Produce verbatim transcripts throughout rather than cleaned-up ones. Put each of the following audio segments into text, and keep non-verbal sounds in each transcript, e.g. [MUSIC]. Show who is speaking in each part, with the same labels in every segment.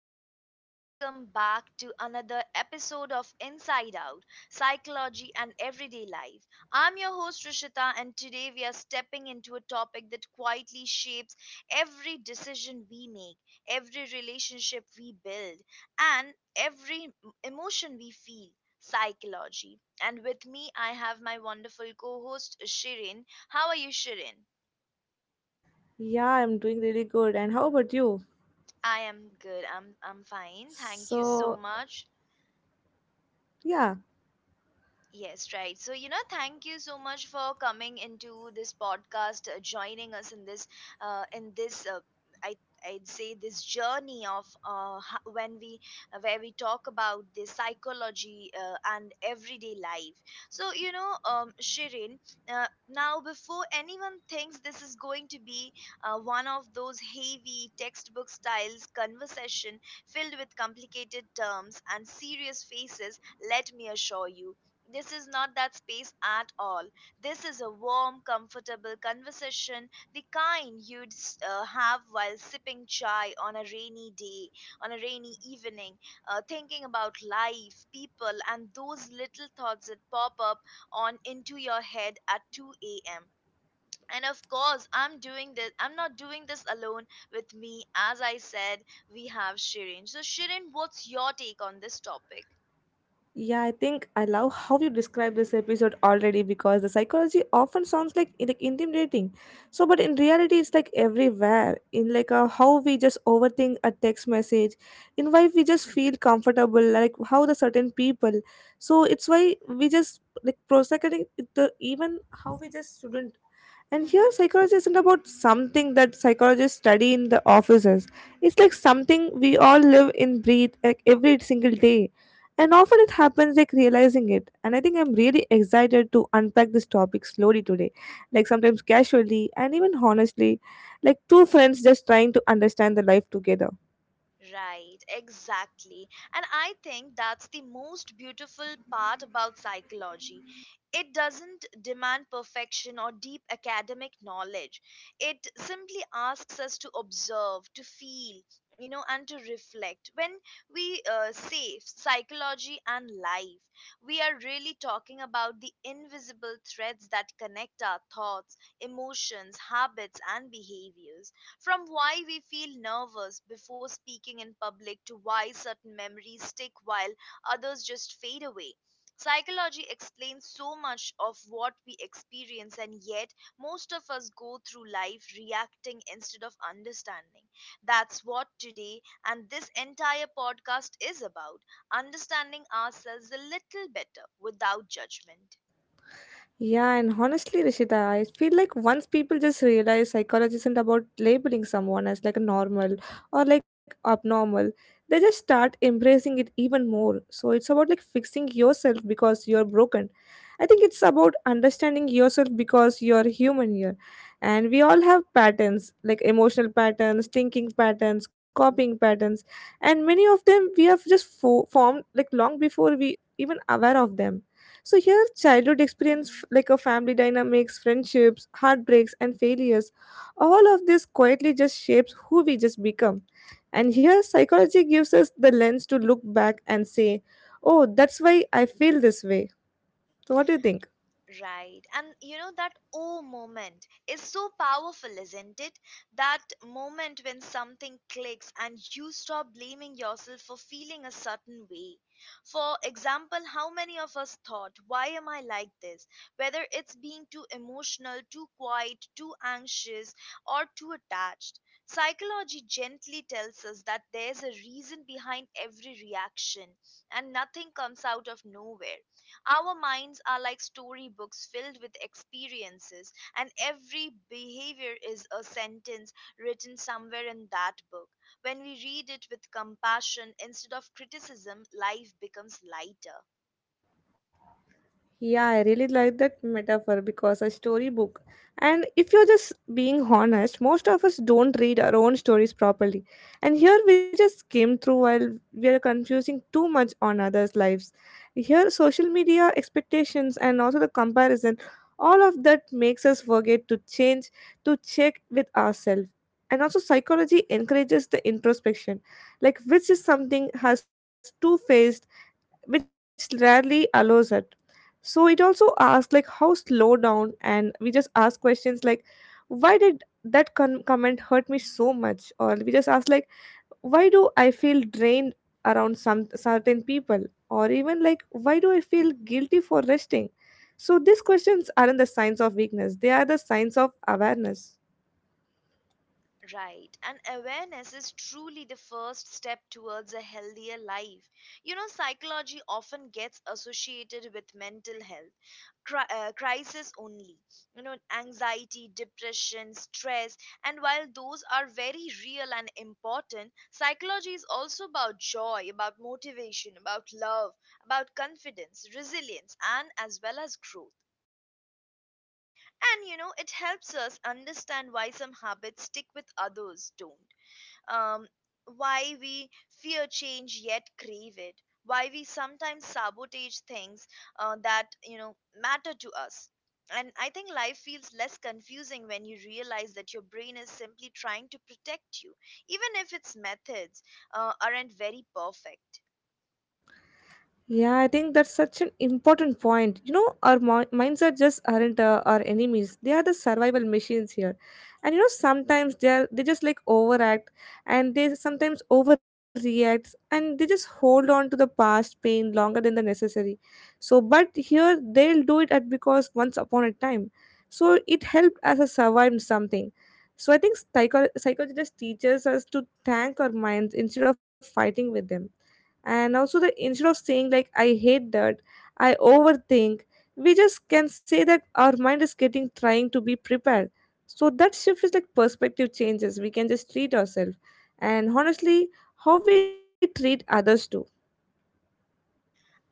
Speaker 1: everyone, and welcome back to another episode of Inside Out Psychology and Everyday Life. I'm your host, Rishita, and today we are stepping into a topic that quietly shapes every decision we make, every relationship we build, and every m- emotion we feel psychology. And with me, I have my wonderful co host, Shirin. How are you, Shirin?
Speaker 2: Yeah, I'm doing really good. And how about you?
Speaker 1: I am good. I'm I'm fine. Thank you so
Speaker 2: So,
Speaker 1: much.
Speaker 2: yeah,
Speaker 1: Yes, right. So, you know, thank you so much for coming into this podcast, uh, joining us in this, uh, in this, uh, I, I'd say this journey of uh, ho- when we, uh, where we talk about the psychology uh, and everyday life. So, you know, um, Shirin, uh, now before anyone thinks this is going to be uh, one of those heavy textbook styles conversation filled with complicated terms and serious faces, let me assure you this is not that space at all. This is a warm, comfortable conversation, the kind you'd uh, have while sipping chai on a rainy day, on a rainy evening, uh, thinking about life, people, and those little thoughts that pop up on into your head at two a m. And of course, I'm doing this. I'm not doing this alone with me. As I said, we have Shirin. So, Shirin, what's your take on this topic?
Speaker 2: yeah, I think I love how you describe this episode already because the psychology often sounds like like intimidating. So, but in reality, it's like everywhere in like uh how we just overthink a text message, in why we just feel comfortable, like how the certain people. So it's why we just like prosecuting the even how we just shouldn't. And here
Speaker 1: [LAUGHS]
Speaker 2: psychology isn't about something that psychologists study in the offices. It's like something we all live in, breathe like every single day, and often it happens like realizing it. And I think I'm really excited to unpack this topic slowly today, like sometimes casually and even honestly, like two friends just trying to understand the life together.
Speaker 1: Right, exactly. And I think that's the most beautiful part about psychology. It doesn't demand perfection or deep academic knowledge. It simply asks us to observe, to feel, you know, and to reflect. When we uh, say psychology and life, we are really talking about the invisible threads that connect our thoughts, emotions, habits, and behaviors. From why we feel nervous before speaking in public to why certain memories stick while others just fade away. Psychology explains so much of what we experience, and yet most of us go through life reacting instead of understanding. That's what today and this entire podcast is about understanding ourselves a little better without judgment.
Speaker 2: Yeah, and honestly, Rishita, I feel like once people just realize psychology isn't about labeling someone as like a normal or like abnormal, they just start embracing it even more. So it's about like fixing yourself because you're broken. I think it's about understanding yourself because you're human here. And we all have patterns like emotional patterns, thinking patterns, copying patterns, and many of them we have just fo- formed like long before we even aware of them. So here, childhood experience f- like a family dynamics, friendships, heartbreaks, and failures, all of this quietly just shapes who we just become. And here, psychology gives us the lens to look back and say, "Oh, that's why I feel this way." So, what do you think?
Speaker 1: Right. And you know, that oh moment is so powerful, isn't it? That moment when something clicks and you stop blaming yourself for feeling a certain way. For example, how many of us thought, why am I like this? Whether it's being too emotional, too quiet, too anxious, or too attached. Psychology gently tells us that there's a reason behind every reaction and nothing comes out of nowhere. Our minds are like storybooks filled with experiences, and every behavior is a sentence written somewhere in that book. When we read it with compassion instead of criticism, life becomes lighter.
Speaker 2: Yeah, I really like that metaphor because a storybook. And if you're just being honest, most of us don't read our own stories properly. And here we just skim through while we are confusing too much on others' lives. Here, social media expectations and also the comparison, all of that makes us forget to change, to check with ourselves. And also, psychology encourages the introspection, like which is something has two faced which rarely allows it. So it also asks like how slow down, and we just ask questions like, why did that con- comment hurt me so much? Or we just ask like, why do I feel drained around some certain people? Or even like, why do I feel guilty for resting? So these questions aren't the signs of weakness; they are the signs of awareness.
Speaker 1: Right, and awareness is truly the first step towards a healthier life. You know, psychology often gets associated with mental health cri- uh, crisis only. You know, anxiety, depression, stress, and while those are very real and important, psychology is also about joy, about motivation, about love, about confidence, resilience, and as well as growth. And you know, it helps us understand why some habits stick with others don't um, why we fear change yet crave it, why we sometimes sabotage things uh, that you know matter to us. And I think life feels less confusing when you realize that your brain is simply trying to protect you, even if its methods uh, aren't very perfect.
Speaker 2: Yeah, I think that's such an important point. You know, our mi- minds are just aren't uh, our enemies. They are the survival machines here, and you know sometimes they are they just like overact, and they sometimes overreact and they just hold on to the past pain longer than the necessary. So, but here they'll do it at because once upon a time, so it helped us a survived something. So I think psycho- psychologists teaches us to thank our minds instead of fighting with them, and also the instead of saying like I hate that I overthink, we just can say that our mind is getting trying to be prepared. So that shift is like perspective changes we can just treat ourselves, and honestly, how we treat others too.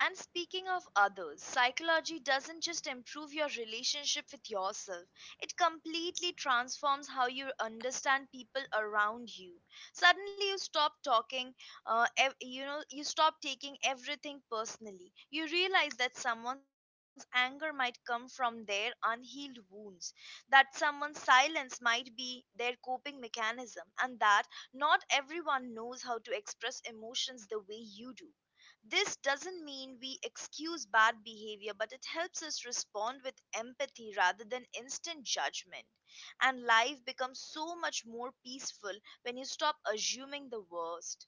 Speaker 1: And speaking of others, psychology doesn't just improve your relationship with yourself, it completely transforms how you understand people around you. Suddenly, you stop talking, uh, ev- you know, you stop taking everything personally. You realize that someone's anger might come from their unhealed wounds, that someone's silence might be their coping mechanism, and that not everyone knows how to express emotions the way you do. This doesn't mean we excuse bad behavior, but it helps us respond with empathy rather than instant judgment. And life becomes so much more peaceful when you stop assuming the worst.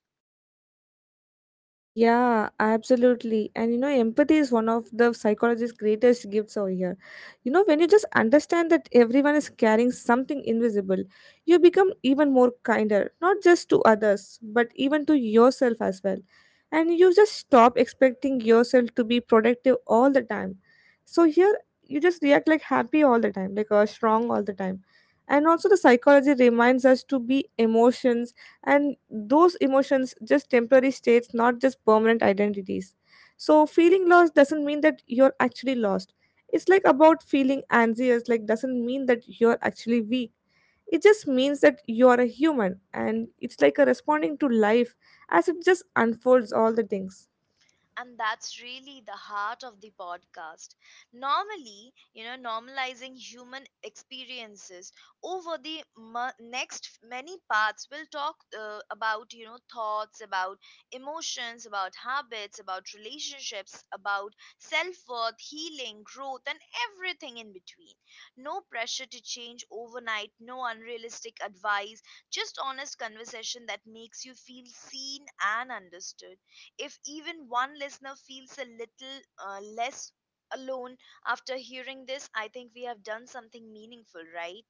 Speaker 2: Yeah, absolutely. And you know, empathy is one of the psychologist's greatest gifts over here. You know, when you just understand that everyone is carrying something invisible, you become even more kinder, not just to others, but even to yourself as well. And you just stop expecting yourself to be productive all the time. So here, you just react like happy all the time, like uh, strong all the time. And also, the psychology reminds us to be emotions, and those emotions just temporary states not just permanent identities. So feeling lost doesn't mean that you're actually lost. It's like about feeling anxious like doesn't mean that you're actually weak. It just means that you're a human and it's like a responding to life as it just unfolds all the things.
Speaker 1: And that's really the heart of the podcast, normally, you know, normalizing human experiences. Over the mu next f- many parts we'll talk uh, about, you know, thoughts about emotions, about habits, about relationships, about self-worth, healing, growth, and everything in between. No pressure to change overnight, no unrealistic advice, just honest conversation that makes you feel seen and understood. If even one listener feels a little uh, less alone after hearing this, I think we have done something meaningful, right?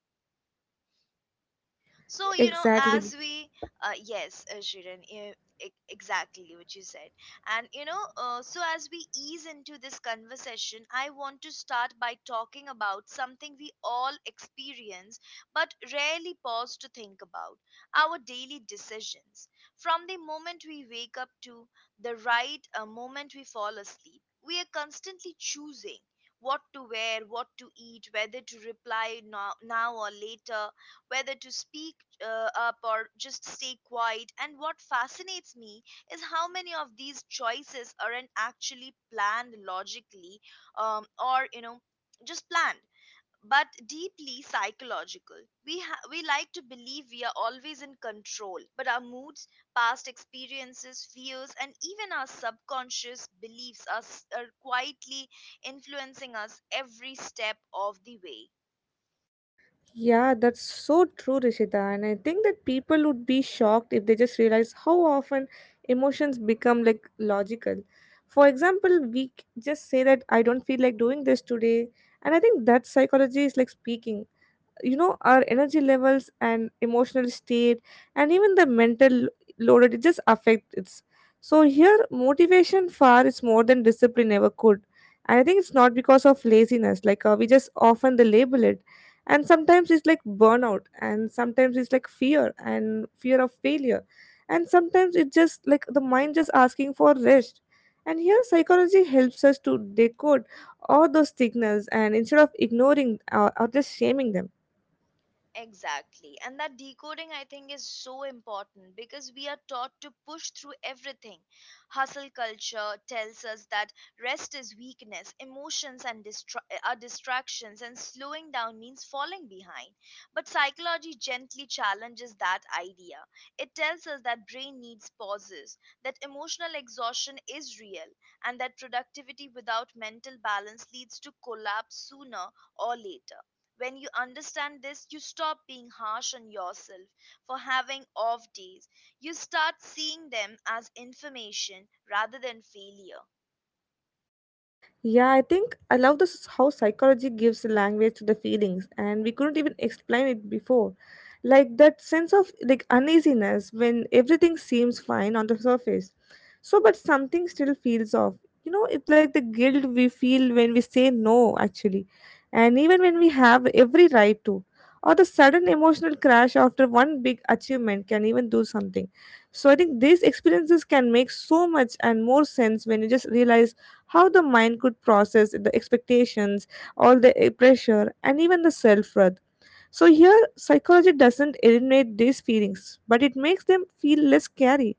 Speaker 1: So, you know, as
Speaker 2: Exactly.
Speaker 1: we, uh, yes, uh, Shirin, e- e- exactly what you said. And, you know, uh, so as we ease into this conversation, I want to start by talking about something we all experience but rarely pause to think about our daily decisions. From the moment we wake up to the right uh, moment we fall asleep, we are constantly choosing. What to wear, what to eat, whether to reply now, now or later, whether to speak uh, up or just stay quiet. And what fascinates me is how many of these choices aren't actually planned logically um, or, you know, just planned. But deeply psychological. We ha- we like to believe we are always in control, but our moods, past experiences, fears, and even our subconscious beliefs are, s- are quietly influencing us every step of the way.
Speaker 2: Yeah, that's so true, Rishita. And I think that people would be shocked if they just realize how often emotions become like logical. For example, we c- just say that I don't feel like doing this today. And I think that psychology is like speaking, you know, our energy levels and emotional state and even the mental lo- loaded it just affects it's. So here motivation far is more than discipline ever could. And I think it's not because of laziness, like uh, we just often the label it. And sometimes it's like burnout, and sometimes it's like fear and fear of failure, and sometimes it just like the mind just asking for rest. And here psychology helps us to decode all those signals and instead of ignoring uh, or just shaming them.
Speaker 1: Exactly. And that decoding, I think, is so important because we are taught to push through everything. Hustle culture tells us that rest is weakness, emotions and distra- uh, are distractions, and slowing down means falling behind. But psychology gently challenges that idea. It tells us that brain needs pauses, that emotional exhaustion is real, and that productivity without mental balance leads to collapse sooner or later. When you understand this, you stop being harsh on yourself for having off days. You start seeing them as information rather than failure.
Speaker 2: Yeah, I think I love this how psychology gives language to the feelings, and we couldn't even explain it before. Like that sense of like uneasiness when everything seems fine on the surface. So, but something still feels off. You know, it's like the guilt we feel when we say no, actually, and even when we have every right to. Or the sudden emotional crash after one big achievement can even do something. So I think these experiences can make so much and more sense when you just realize how the mind could process the expectations, all the eh, pressure, and even the self worth. So, here, psychology doesn't eliminate these feelings, but it makes them feel less scary.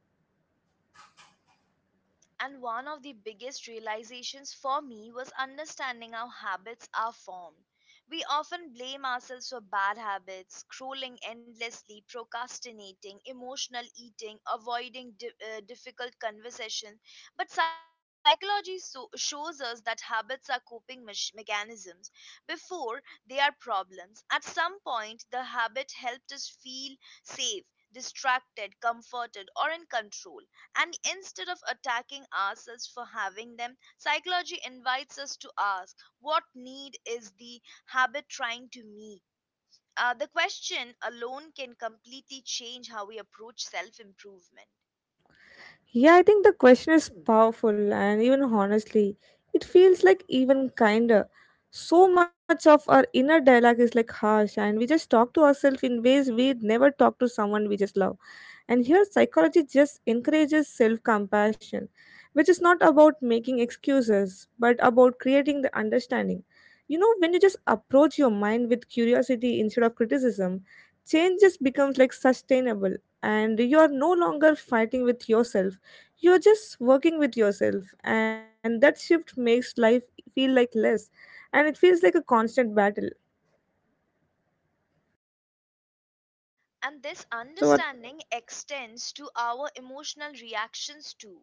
Speaker 1: And one of the biggest realizations for me was understanding how habits are formed. We often blame ourselves for bad habits, scrolling endlessly, procrastinating, emotional eating, avoiding di- uh, difficult conversation. But psychology so- shows us that habits are coping mech- mechanisms before they are problems. At some point, the habit helped us feel safe, distracted, comforted, or in control, and instead of attacking ourselves for having them, psychology invites us to ask what need is the habit trying to meet? Uh, the question alone can completely change how we approach self improvement.
Speaker 2: Yeah, I think the question is powerful, and even honestly, it feels like even kinder. So much of our inner dialogue is like harsh, and we just talk to ourselves in ways we would never talk to someone we just love. And here, psychology just encourages self compassion, which is not about making excuses, but about creating the understanding. You know, when you just approach your mind with curiosity instead of criticism, change just becomes like sustainable, and you are no longer fighting with yourself. You're just working with yourself, and that shift makes life feel like less, and it feels like a constant battle.
Speaker 1: And this
Speaker 2: So, what?
Speaker 1: understanding extends to our emotional reactions too.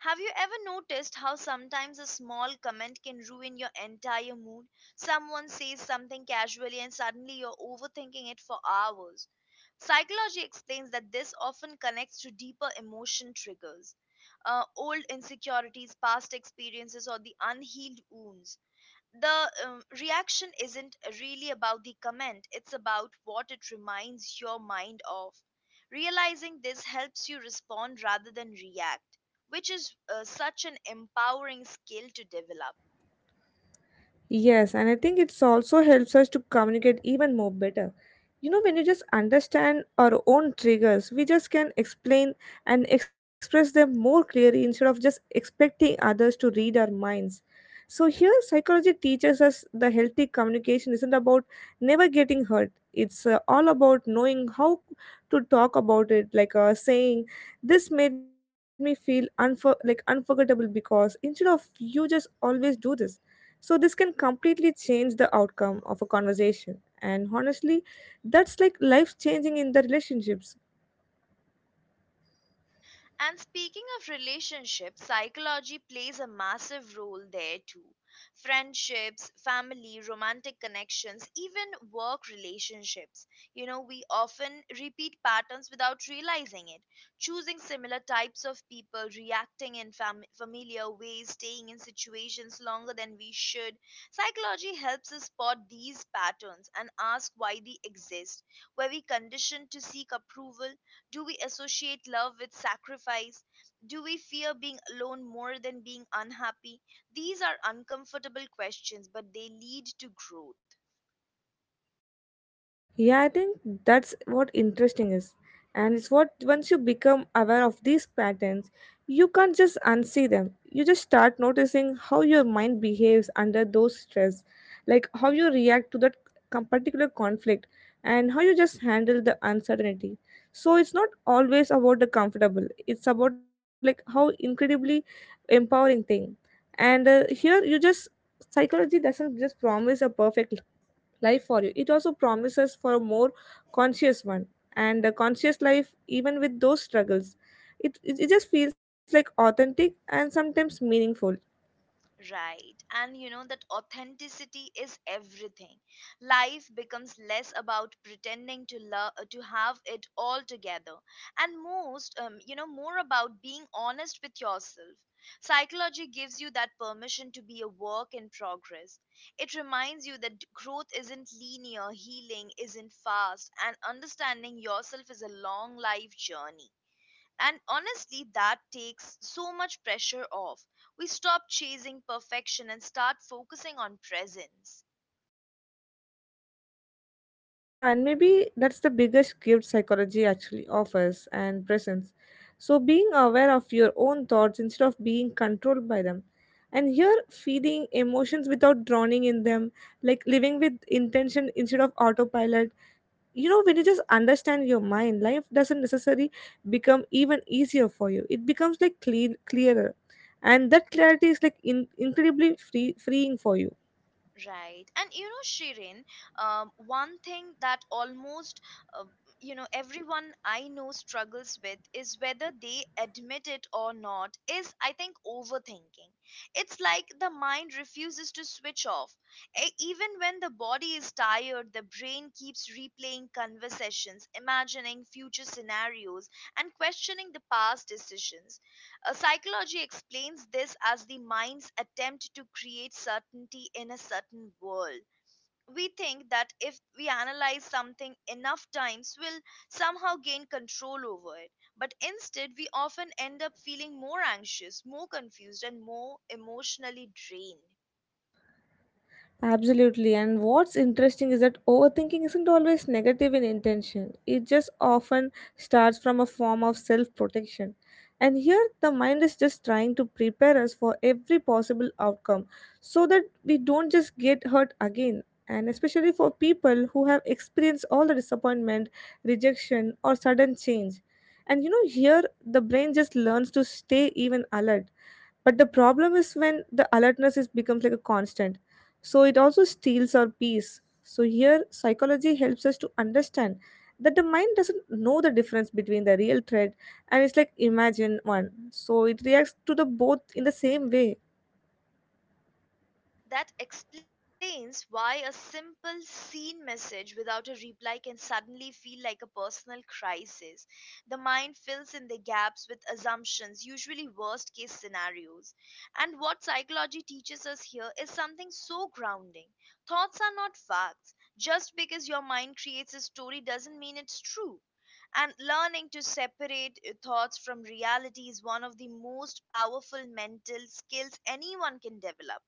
Speaker 1: Have you ever noticed how sometimes a small comment can ruin your entire mood? Someone says something casually and suddenly you're overthinking it for hours. Psychology explains that this often connects to deeper emotion triggers, uh, old insecurities, past experiences, or the unhealed wounds. The um, reaction isn't really about the comment, it's about what it reminds your mind of. Realizing this helps you respond rather than react, which is uh, such an empowering skill to develop.
Speaker 2: Yes, and I think it's also helps us to communicate even more better. You know, when you just understand our own triggers, we just can explain and express them more clearly instead of just expecting others to read our minds. So, here, psychology teaches us the healthy communication isn't about never getting hurt. It's uh, all about knowing how to talk about it, like uh, saying, "This made me feel unfor- like unforgettable because instead of you just always do this." So, this can completely change the outcome of a conversation. And honestly, that's like life changing in the relationships.
Speaker 1: And speaking of relationships, psychology plays a massive role there too. Friendships, family, romantic connections, even work relationships. You know, we often repeat patterns without realizing it, choosing similar types of people, reacting in fam- familiar ways, staying in situations longer than we should. Psychology helps us spot these patterns and ask why they exist. Were we conditioned to seek approval? Do we associate love with sacrifice? Do we fear being alone more than being unhappy? These are uncomfortable questions, but they lead to growth.
Speaker 2: Yeah, I think that's what interesting is. And it's what once you become aware of these patterns, you can't just unsee them. You just start noticing how your mind behaves under those stress, like how you react to that com- particular conflict and how you just handle the uncertainty. So it's not always about the comfortable. It's about like how incredibly empowering thing. And uh, here you just psychology doesn't just promise a perfect life for you. It also promises for a more conscious one, and a conscious life, even with those struggles. It, it, it just feels like authentic and sometimes meaningful.
Speaker 1: Right. And you know that authenticity is everything. Life becomes less about pretending to love to have it all together and most um, you know, more about being honest with yourself. Psychology gives you that permission to be a work in progress. It reminds you that growth isn't linear, healing isn't fast, and understanding yourself is a long life journey. And honestly, that takes so much pressure off. We stop chasing perfection and start focusing on presence.
Speaker 2: Yeah, and maybe that's the biggest gift psychology actually offers and presents. So, being aware of your own thoughts instead of being controlled by them. And here, feeding emotions without drowning in them, like living with intention instead of autopilot. You know, when you just understand your mind, life doesn't necessarily become even easier for you. It becomes like clean, clearer, and that clarity is like in, incredibly free freeing for you.
Speaker 1: Right. And you know, Shirin, um, one thing that almost, uh, you know, everyone I know struggles with, is whether they admit it or not, is I think overthinking. It's like the mind refuses to switch off. E- even when the body is tired, the brain keeps replaying conversations, imagining future scenarios, and questioning the past decisions. Uh, psychology explains this as the mind's attempt to create certainty in a certain world. We think that if we analyze something enough times, we'll somehow gain control over it. But instead, we often end up feeling more anxious, more confused, and more emotionally drained.
Speaker 2: Absolutely. And what's interesting is that overthinking isn't always negative in intention. It just often starts from a form of self protection. And here, the mind is just trying to prepare us for every possible outcome so that we don't just get hurt again. And especially for people who have experienced all the disappointment, rejection, or sudden change. And you know, here the brain just learns to stay even alert, but the problem is when the alertness is becomes like a constant. So it also steals our peace. So here psychology helps us to understand that the mind doesn't know the difference between the real threat and it's like imagine one. So it reacts to the both in the same way.
Speaker 1: That explains why a simple seen message without a reply can suddenly feel like a personal crisis. The mind fills in the gaps with assumptions, usually worst case scenarios. And what psychology teaches us here is something so grounding. Thoughts are not facts. Just because your mind creates a story doesn't mean it's true. And learning to separate uh, thoughts from reality is one of the most powerful mental skills anyone can develop.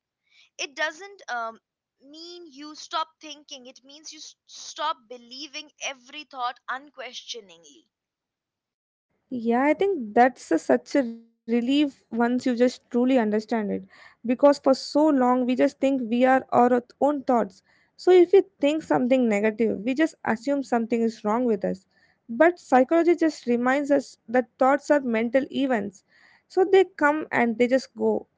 Speaker 1: It doesn't um, mean you stop thinking. It means you s- stop believing every thought unquestioningly.
Speaker 2: Yeah, I think that's a, such a relief once you just truly understand it. Because for so long, we just think we are our own thoughts. So if we think something negative, we just assume something is wrong with us. But psychology just reminds us that thoughts are mental events. So they come and they just go.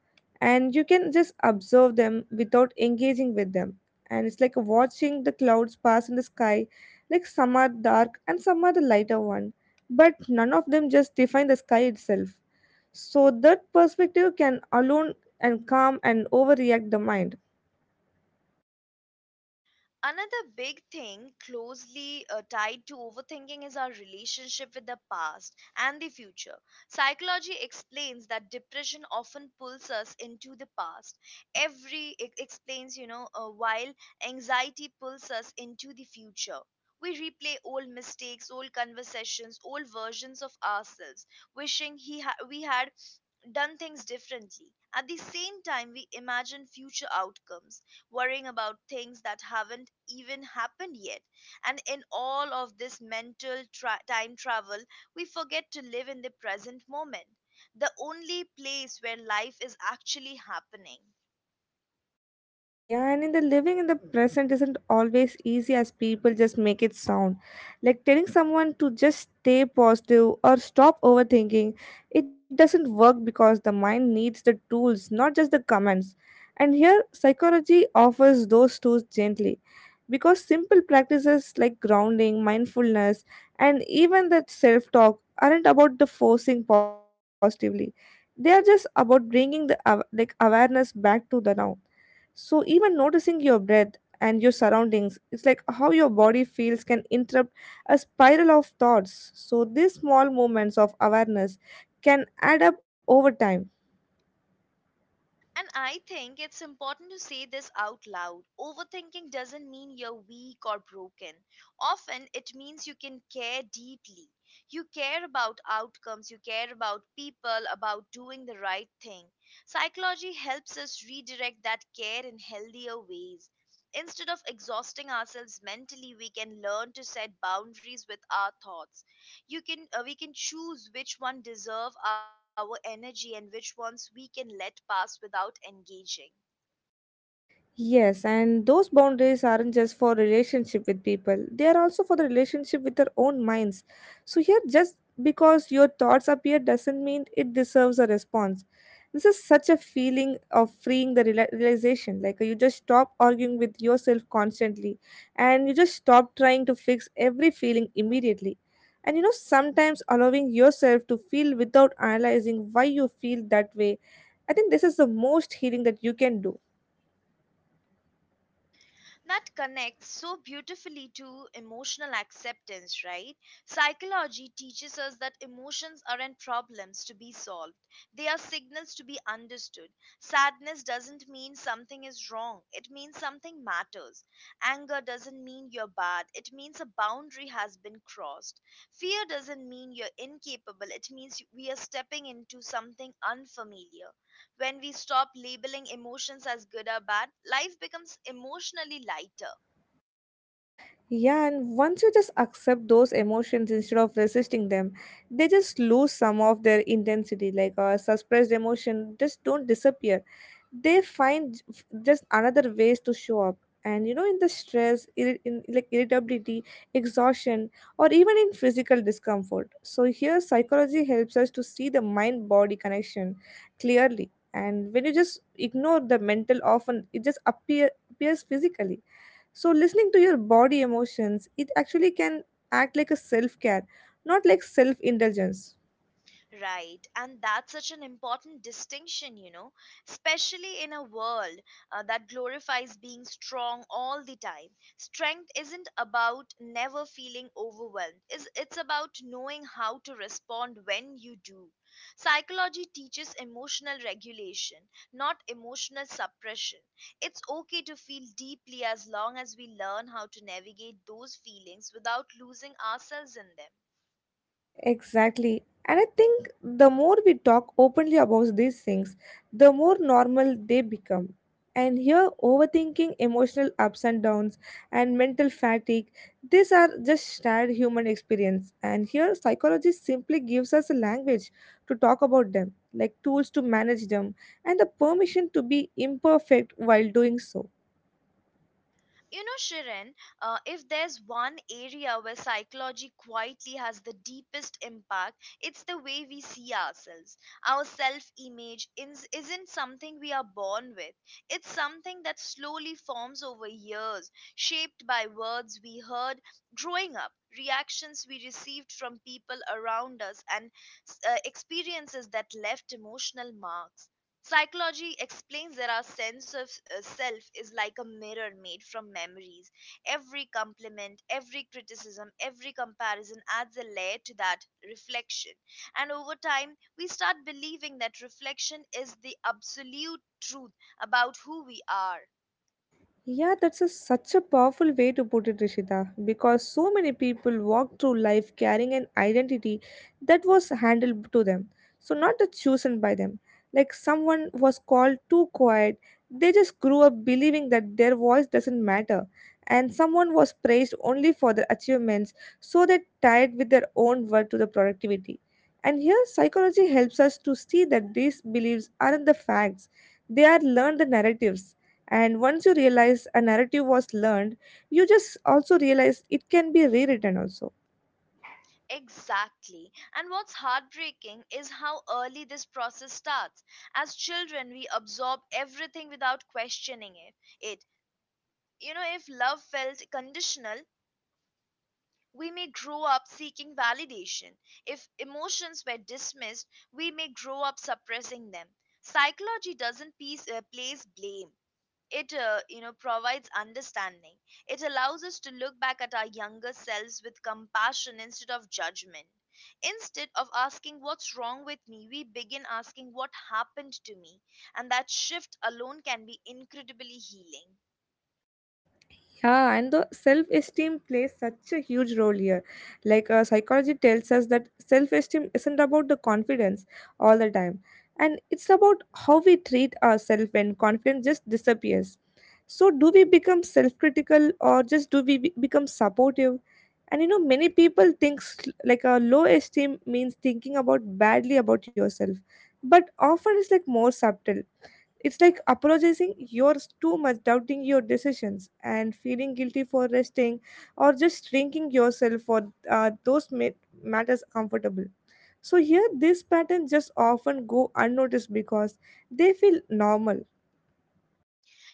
Speaker 2: And you can just observe them without engaging with them. And it's like watching the clouds pass in the sky, like some are dark and some are the lighter one but none of them just define the sky itself. So that perspective can alone and calm and overreact the mind.
Speaker 1: Another big thing closely uh, tied to overthinking is our relationship with the past and the future. Psychology explains that depression often pulls us into the past. Every it explains, you know, uh, while anxiety pulls us into the future. We replay old mistakes, old conversations, old versions of ourselves, wishing he ha- we had done things differently. At the same time, we imagine future outcomes, worrying about things that haven't even happened yet. And in all of this mental tra- time travel, we forget to live in the present moment, the only place where life is actually happening.
Speaker 2: Yeah, and in the living in the present isn't always easy as people just make it sound. Like telling someone to just stay positive or stop overthinking, it doesn't work because the mind needs the tools, not just the commands. And here, psychology offers those tools gently because simple practices like grounding, mindfulness, and even that self talk aren't about the forcing positively. They are just about bringing the aw- like awareness back to the now. So even noticing your breath and your surroundings, it's like how your body feels can interrupt a spiral of thoughts. So these small moments of awareness can add up over time.
Speaker 1: And I think it's important to say this out loud. Overthinking doesn't mean you're weak or broken. Often it means you can care deeply. You care about outcomes, you care about people, about doing the right thing. Psychology helps us redirect that care in healthier ways. Instead of exhausting ourselves mentally, we can learn to set boundaries with our thoughts. You can uh, we can choose which one deserve our energy and which ones we can let pass without engaging.
Speaker 2: Yes, and those boundaries aren't just for relationship with people. They are also for the relationship with our own minds. So here just because your thoughts appear doesn't mean it deserves a response. This is such a feeling of freeing the reali- realization, like you just stop arguing with yourself constantly and you just stop trying to fix every feeling immediately. And you know, sometimes allowing yourself to feel without analyzing why you feel that way. I think this is the most healing that you can do.
Speaker 1: That connects so beautifully to emotional acceptance, right? Psychology teaches us that emotions aren't problems to be solved, they are signals to be understood. Sadness doesn't mean something is wrong, it means something matters. Anger doesn't mean you're bad, it means a boundary has been crossed. Fear doesn't mean you're incapable, it means we are stepping into something unfamiliar. When we stop labeling emotions as good or bad, life becomes emotionally lighter.
Speaker 2: Yeah, and once you just accept those emotions instead of resisting them, they just lose some of their intensity. Like a suppressed emotion just don't disappear. They find j- f- just another ways to show up. And you know, in the stress, irri- in like irritability, exhaustion, or even in physical discomfort. So here, psychology helps us to see the mind-body connection clearly. And when you just ignore the mental, often it just appear appears physically. So, listening to your body emotions, it actually can act like a self care, not like self indulgence.
Speaker 1: Right, and that's such an important distinction, you know, especially in a world uh, that glorifies being strong all the time. Strength isn't about never feeling overwhelmed, it's, it's about knowing how to respond when you do. Psychology teaches emotional regulation, not emotional suppression. It's okay to feel deeply as long as we learn how to navigate those feelings without losing ourselves in them.
Speaker 2: Exactly. And I think the more we talk openly about these things, the more normal they become. And here, overthinking, emotional ups and downs, and mental fatigue, these are just shared human experience. And here, psychology simply gives us a language to talk about them, like tools to manage them, and the permission to be imperfect while doing so.
Speaker 1: You know, Shirin, uh, if there's one area where psychology quietly has the deepest impact, it's the way we see ourselves. Our self image isn't something we are born with, it's something that slowly forms over years, shaped by words we heard growing up, reactions we received from people around us, and uh, experiences that left emotional marks. Psychology explains that our sense of uh, self is like a mirror made from memories. Every compliment, every criticism, every comparison adds a layer to that reflection. And over time, we start believing that reflection is the absolute truth about who we are.
Speaker 2: Yeah, that's a, such a powerful way to put it, Rishita, because so many people walk through life carrying an identity that was handed to them, so not that chosen by them. Like someone was called too quiet, they just grew up believing that their voice doesn't matter, and someone was praised only for their achievements, so they tied with their own worth to the productivity. And here, psychology helps us to see that these beliefs aren't the facts, they are learned narratives, and once you realize a narrative was learned, you just also realize it can be rewritten also.
Speaker 1: Exactly. And what's heartbreaking is how early this process starts. As children, we absorb everything without questioning it. it. You know, if love felt conditional, we may grow up seeking validation. If emotions were dismissed, we may grow up suppressing them. Psychology doesn't piece, uh, place blame. It uh, you know provides understanding. It allows us to look back at our younger selves with compassion instead of judgment. Instead of asking what's wrong with me, we begin asking what happened to me, and that shift alone can be incredibly healing.
Speaker 2: Yeah, and the self esteem plays such a huge role here. Like uh, psychology tells us that self esteem isn't about the confidence all the time, and it's about how we treat ourselves when confidence just disappears. So, do we become self critical or just do we be- become supportive? And you know, many people think s- like a low esteem means thinking about badly about yourself, but often it's like more subtle, it's like apologizing yours too much, doubting your decisions, and feeling guilty for resting or just shrinking yourself for uh, those ma- matters comfortable. So here, these patterns just often go unnoticed because they feel normal.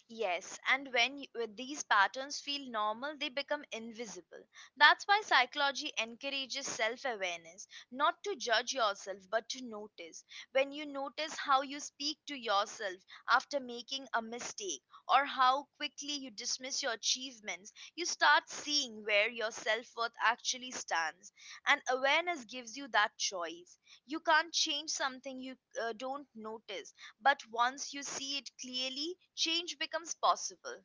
Speaker 1: Yes, and when y- when these patterns feel normal, they become invisible. That's why psychology encourages self awareness, not to judge yourself, but to notice. When you notice how you speak to yourself after making a mistake or how quickly you dismiss your achievements, you start seeing where your self worth actually stands. And awareness gives you that choice. You can't change something you uh, don't notice, but once you see it clearly, change becomes possible.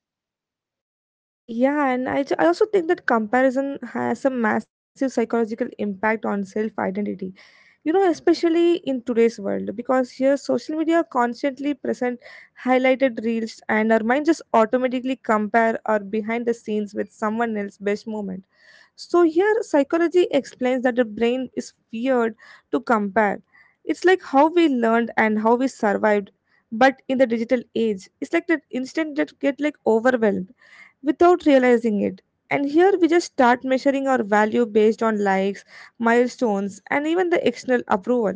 Speaker 2: Yeah, and I, ju- I also think that comparison has a massive psychological impact on self identity, you know, especially in today's world, because here social media constantly present highlighted reels and our mind just automatically compare our behind the scenes with someone else's best moment. So here psychology explains that the brain is weird to compare, it's like how we learned and how we survived, but in the digital age it's like that instant that get like overwhelmed without realizing it. And here we just start measuring our value based on likes, milestones, and even the external approval.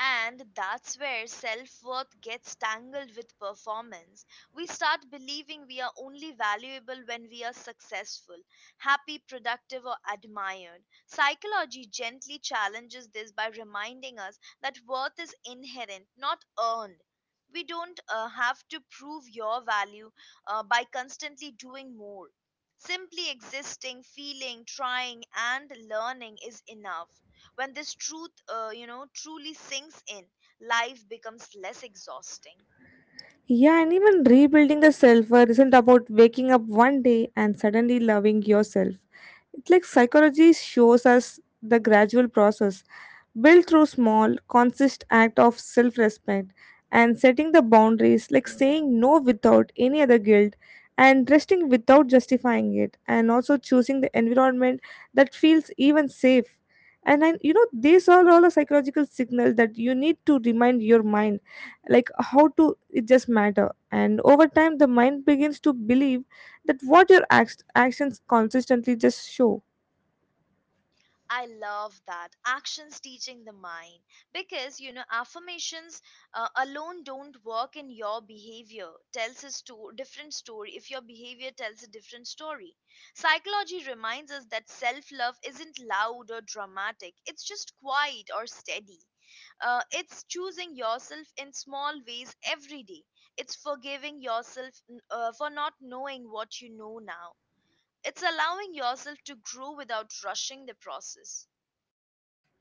Speaker 1: And that's where self worth gets tangled with performance. We start believing we are only valuable when we are successful, happy, productive, or admired. Psychology gently challenges this by reminding us that worth is inherent, not earned. We don't uh, have to prove your value uh, by constantly doing more. Simply existing, feeling, trying, and learning is enough. When this truth uh, you know truly sinks in, life becomes less exhausting.
Speaker 2: Yeah, and even rebuilding the self worth isn't about waking up one day and suddenly loving yourself. It's like psychology shows us the gradual process built through small, consist act of self respect and setting the boundaries, like saying no without any other guilt, and resting without justifying it, and also choosing the environment that feels even safe. And then, you know, these are all a psychological signal that you need to remind your mind like how to it just matter, and over time the mind begins to believe that what your act- actions consistently just show.
Speaker 1: I love that, actions teaching the mind, because you know affirmations uh, alone don't work in your behavior tells a sto- different story. If your behavior tells a different story, psychology reminds us that self love isn't loud or dramatic, it's just quiet or steady. Uh, it's choosing yourself in small ways every day. It's forgiving yourself uh, for not knowing what you know now. It's allowing yourself to grow without rushing the process.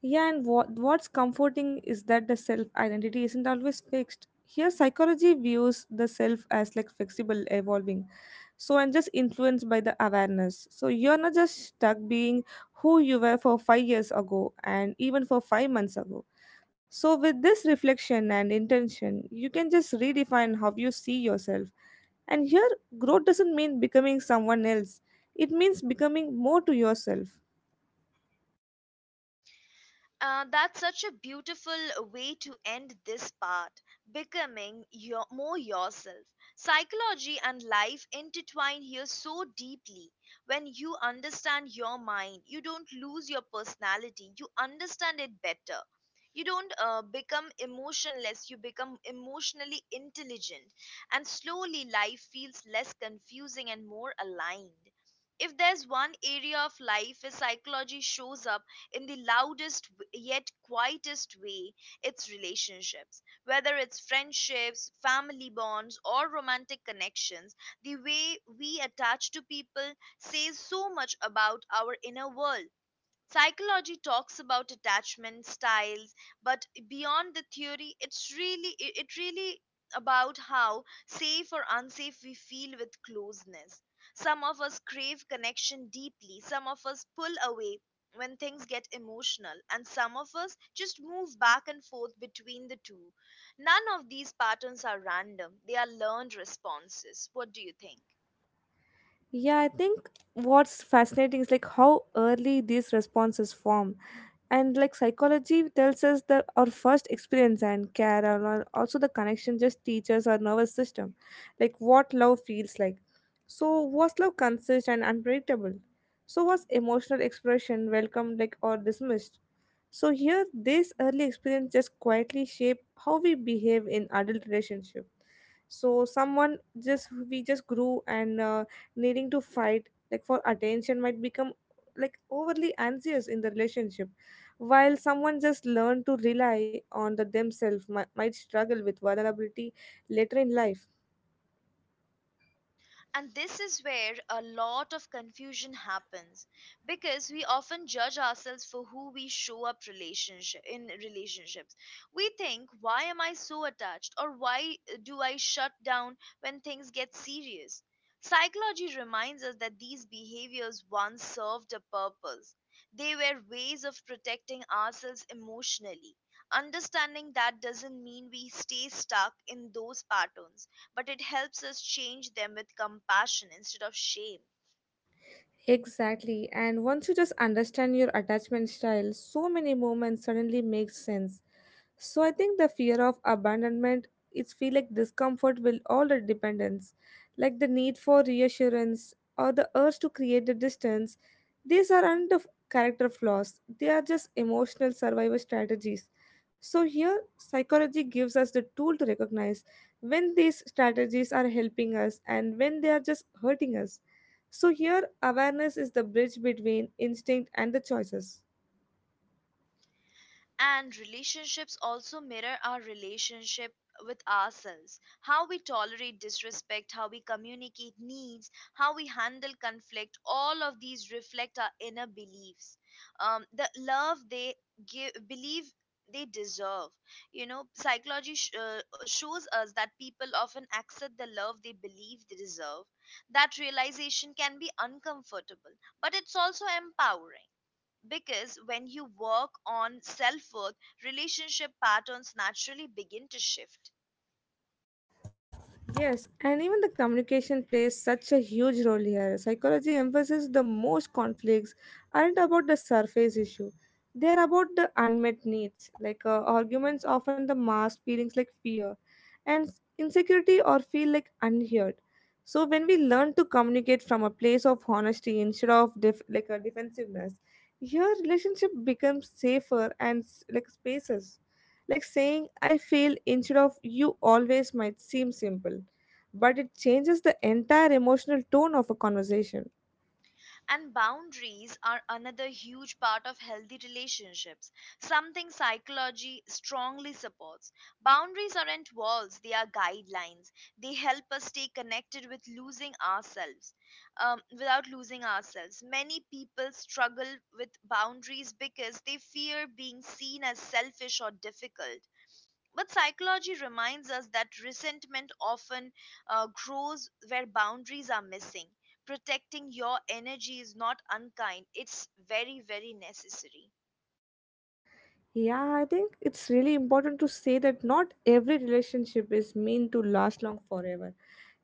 Speaker 2: Yeah, and what what's comforting is that the self identity isn't always fixed. Here psychology views the self as like flexible, evolving, so and just influenced by the awareness. So you're not just stuck being who you were for five years ago and even for five months ago. So with this reflection and intention you can just redefine how you see yourself. And here, growth doesn't mean becoming someone else, it means becoming more to yourself.
Speaker 1: Uh, that's such a beautiful way to end this part, becoming your, more yourself. Psychology and life intertwine here so deeply. When you understand your mind, you don't lose your personality, you understand it better. You don't uh, become emotionless, you become emotionally intelligent. And slowly, life feels less confusing and more aligned. If there's one area of life where psychology shows up in the loudest yet quietest way, its relationships. Whether it's friendships, family bonds, or romantic connections, the way we attach to people says so much about our inner world. Psychology talks about attachment styles, but beyond the theory, it's really it it really about how safe or unsafe we feel with closeness. Some of us crave connection deeply, some of us pull away when things get emotional, and some of us just move back and forth between the two. None of these patterns are random, they are learned responses. What do you think?
Speaker 2: Yeah, I think what's fascinating is like how early these responses form, and like psychology tells us that our first experience and care and al- also the connection just teaches our nervous system like what love feels like. So was love consist and unpredictable, so was emotional expression welcomed like or dismissed. So here this early experience just quietly shape how we behave in adult relationship. So someone, just we just grew and uh, needing to fight like for attention might become like overly anxious in the relationship, while someone just learned to rely on the themselves mi- might struggle with vulnerability later in life.
Speaker 1: And this is where a lot of confusion happens, because we often judge ourselves for who we show up relationship in relationships. We think, why am I so attached, or why do I shut down when things get serious? Psychology reminds us that these behaviors once served a purpose. They were ways of protecting ourselves emotionally. Understanding that doesn't mean we stay stuck in those patterns, but it helps us change them with compassion instead of shame.
Speaker 2: Exactly. And once you just understand your attachment style, so many moments suddenly make sense. So I think the fear of abandonment, it's feel like discomfort with all the dependence, like the need for reassurance or the urge to create the distance. These aren't of character flaws. They are just emotional survival strategies. So here psychology gives us the tool to recognize when these strategies are helping us and when they are just hurting us. So here awareness is the bridge between instinct and the choices.
Speaker 1: And relationships also mirror our relationship with ourselves. How we tolerate disrespect, how we communicate needs, how we handle conflict, all of these reflect our inner beliefs. Um, the love they give, believe they deserve. You know, psychology sh- uh, shows us that people often accept the love they believe they deserve. That realization can be uncomfortable, but it's also empowering, because when you work on self worth, relationship patterns naturally begin to shift.
Speaker 2: Yes, and even the communication plays such a huge role here. Psychology emphasizes the most conflicts aren't about the surface issue. They're about the unmet needs. Like uh, arguments often the mask feelings like fear and s- insecurity or feel like unheard. So when we learn to communicate from a place of honesty instead of def- like a defensiveness, your relationship becomes safer and s- like spaces. Like saying I feel instead of you always might seem simple, but it changes the entire emotional tone of a conversation.
Speaker 1: And boundaries are another huge part of healthy relationships, something psychology strongly supports. Boundaries aren't walls, they are guidelines. They help us stay connected with losing ourselves, um, without losing ourselves. Many people struggle with boundaries because they fear being seen as selfish or difficult. But psychology reminds us that resentment often uh, grows where boundaries are missing. Protecting your energy is not unkind, it's very, very necessary.
Speaker 2: Yeah, I think it's really important to say that not every relationship is meant to last long forever.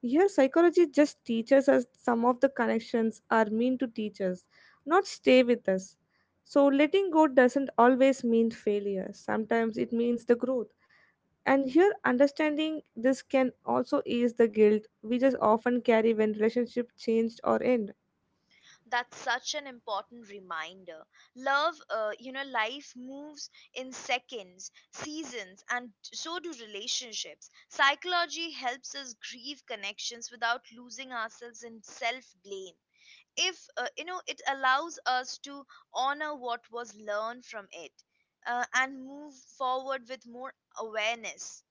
Speaker 2: Here, psychology just teaches us some of the connections are meant to teach us, not stay with us. So, letting go doesn't always mean failure, sometimes it means the growth. And here, understanding this can also ease the guilt we just often carry when relationship changed or end.
Speaker 1: That's such an important reminder. Love, uh, you know, life moves in seconds, seasons, and so do relationships. Psychology helps us grieve connections without losing ourselves in self blame. If uh, you know it allows us to honor what was learned from it, uh, and move forward with more awareness.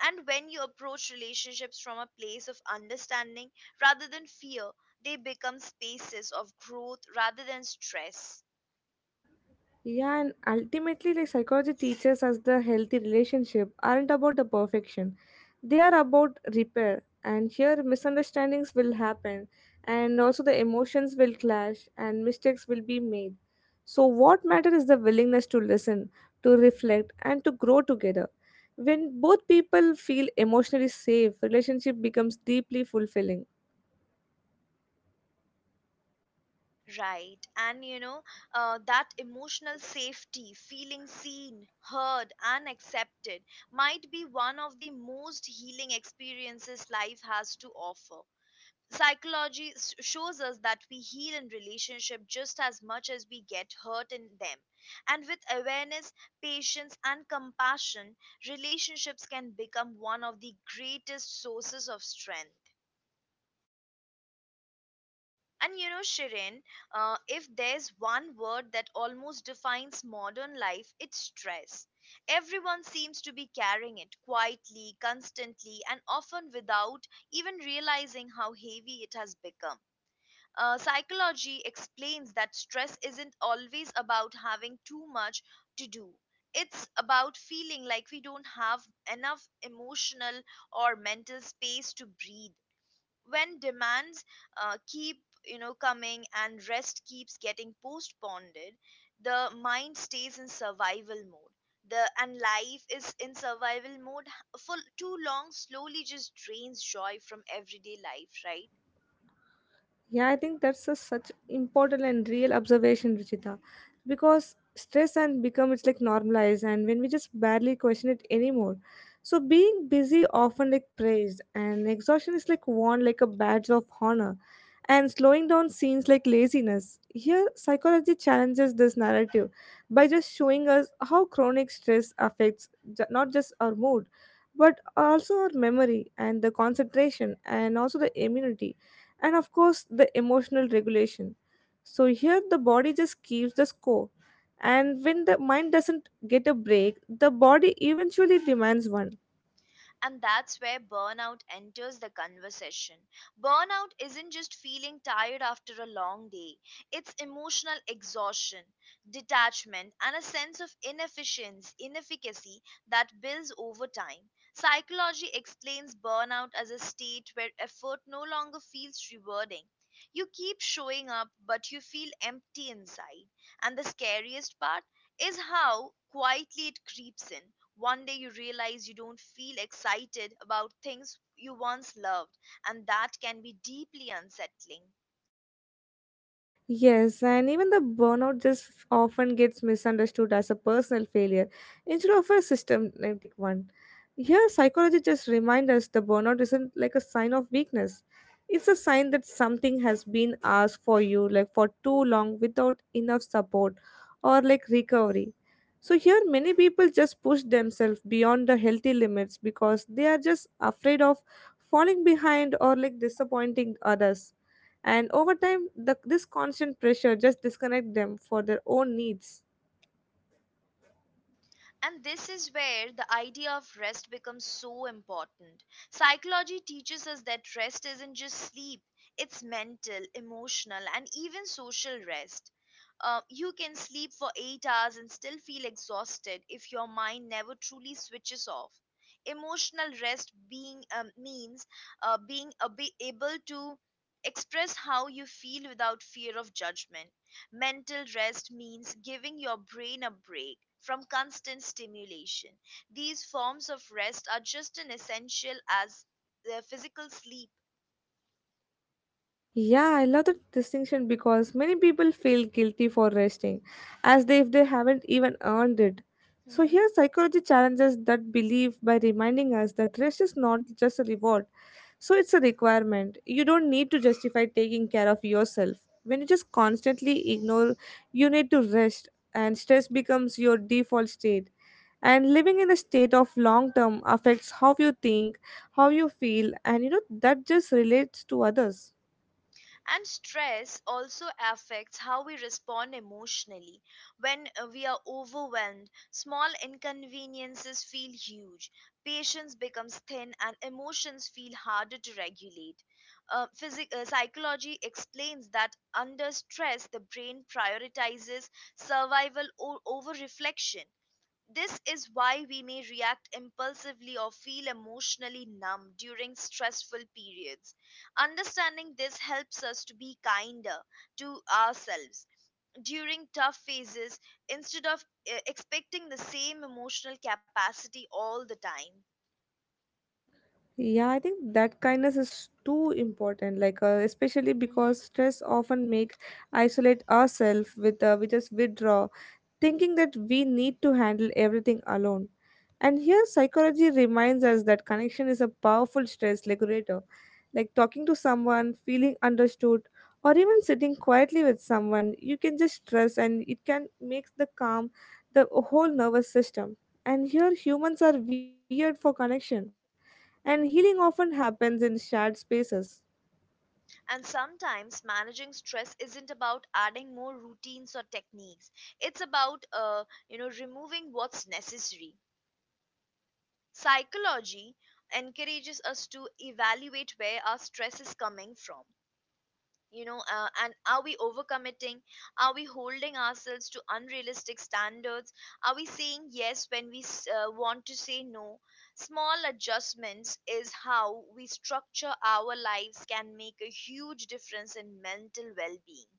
Speaker 1: And when you approach relationships from a place of understanding rather than fear, they become spaces of growth rather than stress.
Speaker 2: Yeah, and ultimately, like psychology teaches us the healthy relationship aren't about the perfection, they are about repair. And here, misunderstandings will happen, and also the emotions will clash, and mistakes will be made. So, what matters is the willingness to listen, to reflect, and to grow together. When both people feel emotionally safe, relationship becomes deeply fulfilling.
Speaker 1: Right, and you know, uh, that emotional safety, feeling seen, heard and accepted, might be one of the most healing experiences life has to offer. Psychology s- shows us that we heal in relationship just as much as we get hurt in them. And with awareness, patience and compassion, relationships can become one of the greatest sources of strength. And you know, Shirin, uh, if there's one word that almost defines modern life, it's stress. Everyone seems to be carrying it quietly, constantly, and often without even realizing how heavy it has become. Uh, psychology explains that stress isn't always about having too much to do. It's about feeling like we don't have enough emotional or mental space to breathe. When demands uh, keep you know coming and rest keeps getting postponed, the mind stays in survival mode. The and life is in survival mode h- for too long. Slowly, just drains joy from everyday life, right?
Speaker 2: Yeah, I think that's a, such important and real observation, Ruchita, because stress and become it's like normalized, and when we just barely question it anymore. So being busy often like praised, and exhaustion is like worn like a badge of honor, and slowing down seems like laziness. Here, psychology challenges this narrative by just showing us how chronic stress affects ju- not just our mood, but also our memory and the concentration, and also the immunity and of course the emotional regulation. So here the body just keeps the score, and when the mind doesn't get a break the body eventually demands one.
Speaker 1: And that's where burnout enters the conversation. Burnout isn't just feeling tired after a long day, it's emotional exhaustion, detachment, and a sense of inefficiency, inefficacy that builds over time. Psychology explains burnout as a state where effort no longer feels rewarding. You keep showing up, but you feel empty inside. And the scariest part is how quietly it creeps in. One day you realize you don't feel excited about things you once loved, and that can be deeply unsettling.
Speaker 2: Yes, and even the burnout just f- often gets misunderstood as a personal failure instead of a systematic one. Here, psychology just reminds us the burnout isn't like a sign of weakness. It's a sign that something has been asked for you like for too long without enough support or like recovery. So here many people just push themselves beyond the healthy limits because they are just afraid of falling behind or like disappointing others, and over time the, this constant pressure just disconnect them for their own needs.
Speaker 1: And this is where the idea of rest becomes so important. Psychology teaches us that rest isn't just sleep, it's mental, emotional, and even social rest. Uh, you can sleep for eight hours and still feel exhausted if your mind never truly switches off. Emotional rest being um, means uh, being ab- able to express how you feel without fear of judgment. Mental rest means giving your brain a break from constant stimulation. These forms of rest are just as essential as the physical sleep.
Speaker 2: Yeah, I love the distinction because many people feel guilty for resting as they, if they haven't even earned it. So here psychology challenges that belief by reminding us that rest is not just a reward, so it's a requirement. You don't need to justify taking care of yourself. When you just constantly ignore you need to rest, and stress becomes your default state, and living in a state of long term affects how you think, how you feel, and you know that just relates to others.
Speaker 1: And stress also affects how we respond emotionally. When uh, we are overwhelmed, small inconveniences feel huge, patience becomes thin, and emotions feel harder to regulate. Uh, physic- uh, psychology explains that under stress, the brain prioritizes survival o- over reflection. This is why we may react impulsively or feel emotionally numb during stressful periods. Understanding this helps us to be kinder to ourselves during tough phases instead of uh, expecting the same emotional capacity all the time.
Speaker 2: Yeah, I think that kindness is too important. Like, uh,
Speaker 1: Mhm.
Speaker 2: especially because stress often make isolate ourselves with uh, we just withdraw, thinking that we need to handle everything alone. And here, psychology reminds us that connection is a powerful stress regulator. Like talking to someone, feeling understood, or even sitting quietly with someone, you can just stress, and it can make the calm the whole nervous system. And here, humans are weird for connection and healing often happens in shared spaces.
Speaker 1: And sometimes managing stress isn't about adding more routines or techniques. It's about uh, you know, removing what's necessary. Psychology encourages us to evaluate where our stress is coming from, you know, uh, and are we overcommitting? Are we holding ourselves to unrealistic standards? Are we saying yes when we s- uh, want to say no? Small adjustments is how we structure our lives can make a huge difference in mental well-being.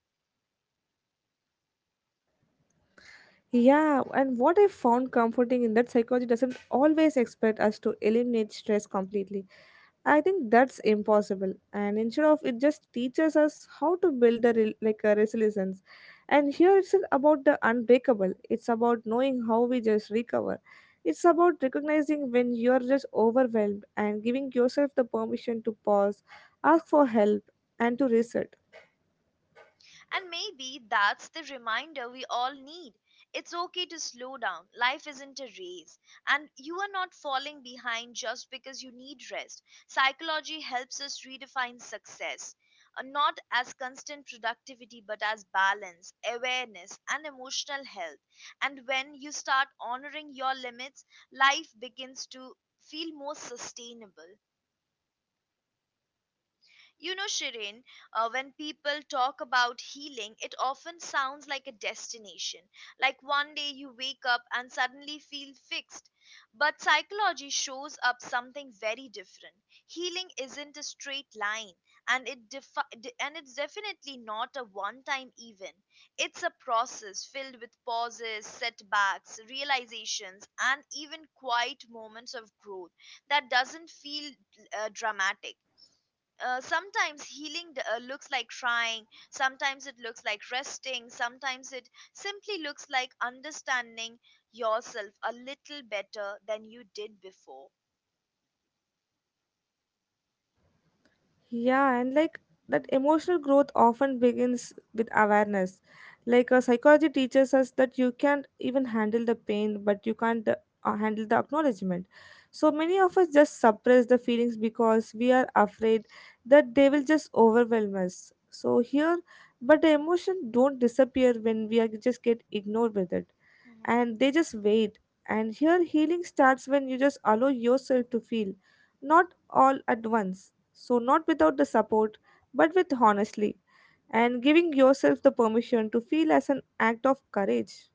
Speaker 2: Yeah, and what I found comforting in that psychology doesn't always expect us to eliminate stress completely. I think that's impossible, and instead of it just teaches us how to build a re- like a resilience. And here it's not about the unbreakable; it's about knowing how we just recover. It's about recognizing when you're just overwhelmed and giving yourself the permission to pause, ask for help, and to reset.
Speaker 1: And maybe that's the reminder we all need. It's okay to slow down. Life isn't a race, and you are not falling behind just because you need rest. Psychology helps us redefine success. uh, Not as constant productivity, but as balance, awareness, and emotional health. And when you start honoring your limits, life begins to feel more sustainable. You know, Shirin, uh, when people talk about healing, it often sounds like a destination. Like one day you wake up and suddenly feel fixed. But psychology shows up something very different. Healing isn't a straight line, and it defi- de- and it's definitely not a one-time event. It's a process filled with pauses, setbacks, realizations, and even quiet moments of growth that doesn't feel uh, dramatic. Uh, sometimes healing d- uh, looks like trying, sometimes it looks like resting, sometimes it simply looks like understanding yourself a little better than you did before.
Speaker 2: Yeah, and like that emotional growth often begins with awareness. Like uh, psychology teaches us that you can't even handle the pain, but you can't uh, handle the acknowledgement. So many of us just suppress the feelings because we are afraid that they will just overwhelm us. So here, but the emotion don't disappear when we are just get ignored with it and they just wait. And here, healing starts when you just allow yourself to feel, not all at once. So, not without the support, but with honestly, and giving yourself the permission to feel as an act of courage.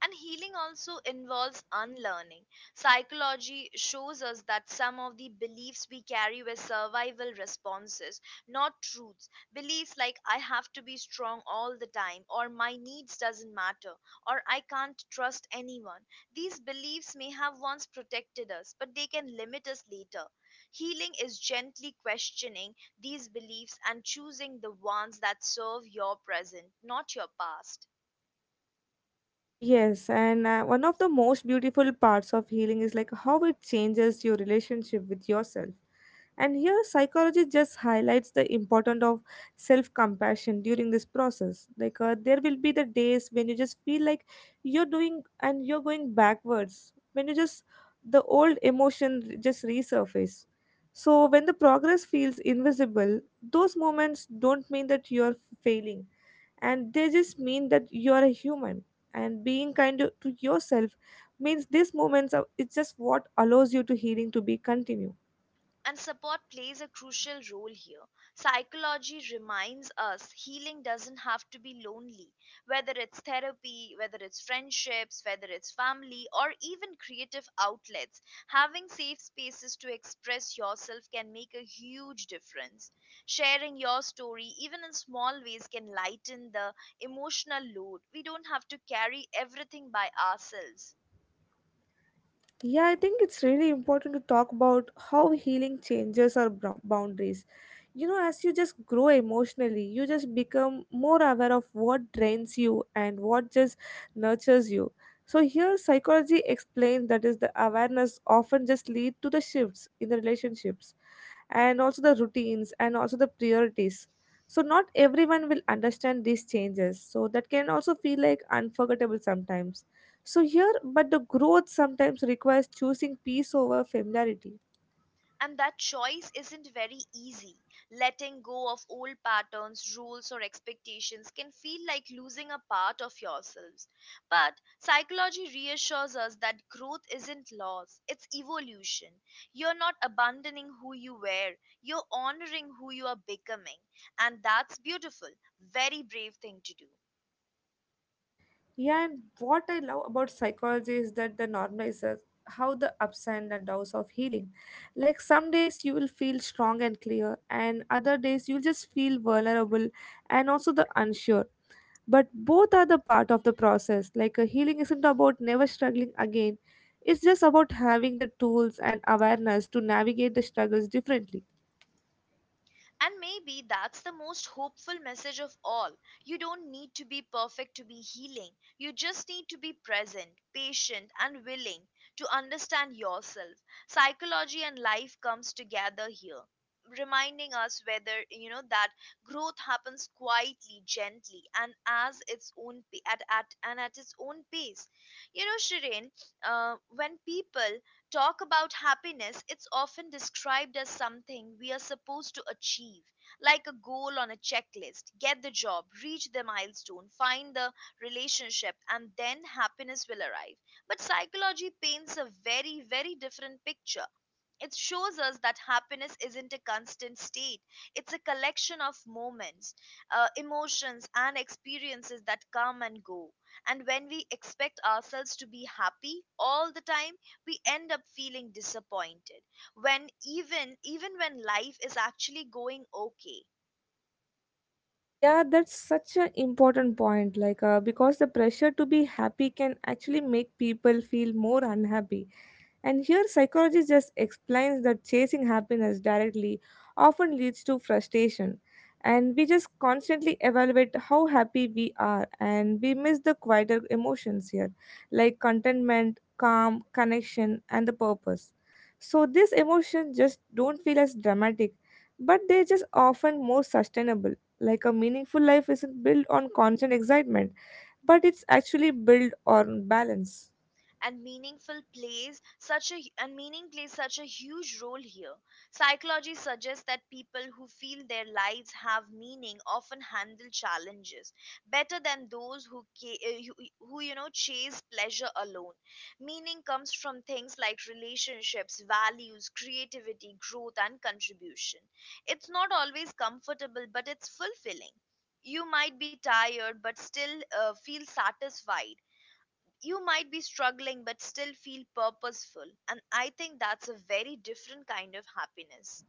Speaker 1: And healing also involves unlearning. Psychology shows us that some of the beliefs we carry were survival responses, not truths. Beliefs like I have to be strong all the time, or my needs doesn't matter, or I can't trust anyone. These beliefs may have once protected us, but they can limit us later. Healing is gently questioning these beliefs and choosing the ones that serve your present, not your past.
Speaker 2: Yes, and uh, one of the most beautiful parts of healing is like how it changes your relationship with yourself. And here, psychology just highlights the importance of self compassion during this process. Like, uh, there will be the days when you just feel like you're doing and you're going backwards, when you just the old emotion just resurface. So, when the progress feels invisible, those moments don't mean that you're failing, and they just mean that you're a human and being kind to to yourself means these moments are it's just what allows you to healing to be continue.
Speaker 1: And support plays a crucial role here. Psychology reminds us healing doesn't have to be lonely, whether it's therapy, whether it's friendships, whether it's family, or even creative outlets. Having safe spaces to express yourself can make a huge difference. Sharing your story, even in small ways, can lighten the emotional load. We don't have to carry everything by ourselves.
Speaker 2: Yeah, I think it's really important to talk about how healing changes our brou- boundaries. You know, as you just grow emotionally you just become more aware of what drains you and what just nurtures you. So here psychology explains that is the awareness often just lead to the shifts in the relationships and also the routines and also the priorities, so not everyone will understand these changes, so that can also feel like unforgettable sometimes. So here but the growth sometimes requires choosing peace over familiarity.
Speaker 1: And that choice isn't very easy. Letting go of old patterns, rules, or expectations can feel like losing a part of yourselves. But psychology reassures us that growth isn't loss, it's evolution. You're not abandoning who you were, you're honoring who you are becoming. And that's beautiful, very brave thing to do.
Speaker 2: Yeah, and what I love about psychology is that the normalizes how the ups and the downs of healing, like some days you will feel strong and clear and other days you'll just feel vulnerable and also the unsure, but both are the part of the process. Like a healing isn't about never struggling again, it's just about having the tools and awareness to navigate the struggles differently.
Speaker 1: And maybe that's the most hopeful message of all. You don't need to be perfect to be healing. You just need to be present, patient, and willing to understand yourself. Psychology and life comes together here, reminding us whether, you know, that growth happens quietly, gently, and as its own pa- at, at and at its own pace. You know, Shirin, uh, when people talk about happiness, it's often described as something we are supposed to achieve, like a goal on a checklist. Get the job, reach the milestone, find the relationship, and then happiness will arrive. But psychology paints a very, very different picture. It shows us that happiness isn't a constant state, it's a collection of moments, uh, emotions, and experiences that come and go. And when we expect ourselves to be happy all the time, we end up feeling disappointed when even even when life is actually going okay.
Speaker 2: Yeah, that's such an important point. Like uh, because the pressure to be happy can actually make people feel more unhappy. And here, psychology just explains that chasing happiness directly often leads to frustration. And we just constantly evaluate how happy we are, and we miss the quieter emotions here, like contentment, calm, connection, and the purpose. So, these emotions just don't feel as dramatic, but they're just often more sustainable. Like a meaningful life isn't built on constant excitement, but it's actually built on balance.
Speaker 1: And meaningful plays such a and meaning plays such a huge role here. Psychology suggests that people who feel their lives have meaning often handle challenges better than those who ca- uh, who, who you know, chase pleasure alone. Meaning comes from things like relationships, values, creativity, growth, and contribution. It's not always comfortable but it's fulfilling. You might be tired but still uh, feel satisfied. You might be struggling but still feel purposeful, and I think that's a very different kind of happiness.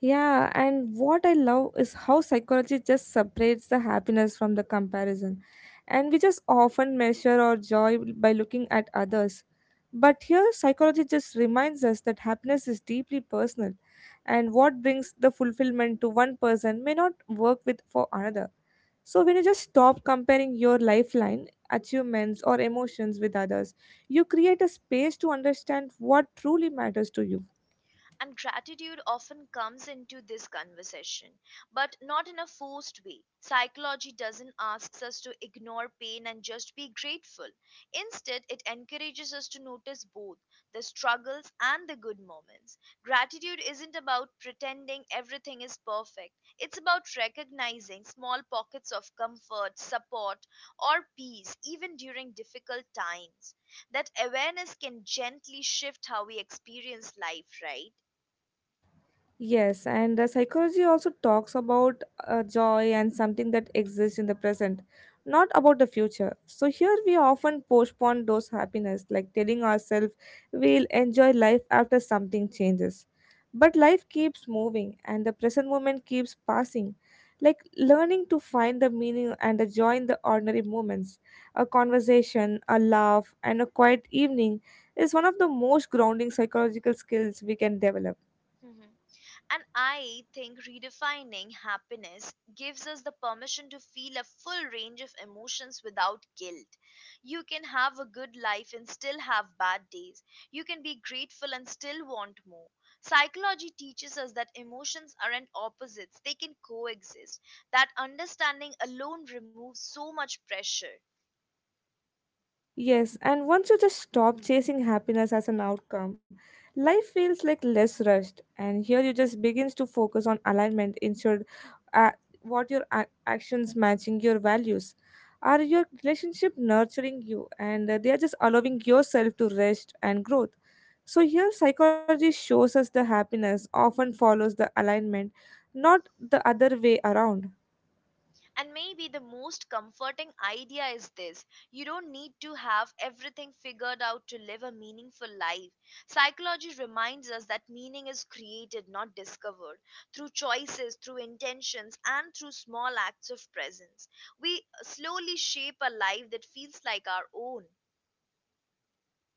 Speaker 2: Yeah, and what I love is how psychology just separates the happiness from the comparison. And we just often measure our joy by looking at others. But here, psychology just reminds us that happiness is deeply personal, and what brings the fulfillment to one person may not work with for another. So, when you just stop comparing your lifeline, achievements, or emotions with others, you create a space to understand what truly matters to you.
Speaker 1: And gratitude often comes into this conversation, but not in a forced way. Psychology doesn't ask us to ignore pain and just be grateful. Instead, it encourages us to notice both the struggles and the good moments. Gratitude isn't about pretending everything is perfect, it's about recognizing small pockets of comfort, support, or peace, even during difficult times. That awareness can gently shift how we experience life, right?
Speaker 2: Yes, and uh, psychology also talks about uh, joy and something that exists in the present, not about the future. So here we often postpone those happiness, like telling ourselves we'll enjoy life after something changes. But life keeps moving, and the present moment keeps passing. Like learning to find the meaning and the joy in the ordinary moments, a conversation, a laugh, and a quiet evening is one of the most grounding psychological skills we can develop.
Speaker 1: Mhm. And I think redefining happiness gives us the permission to feel a full range of emotions without guilt. You can have a good life and still have bad days. You can be grateful and still want more. Psychology teaches us that emotions aren't opposites, they can coexist. That understanding alone removes so much pressure.
Speaker 2: Yes, and once you just stop chasing happiness as an outcome, life feels like less rushed, and here you just begins to focus on alignment instead, uh, what your a- actions matching your values. Are your relationship nurturing you, and uh, they are just allowing yourself to rest and growth. So here, psychology shows us the happiness often follows the alignment, not the other way around.
Speaker 1: And maybe the most comforting idea is this: you don't need to have everything figured out to live a meaningful life. Psychology reminds us that meaning is created, not discovered, through choices, through intentions, and through small acts of presence. We slowly shape a life that feels like our own.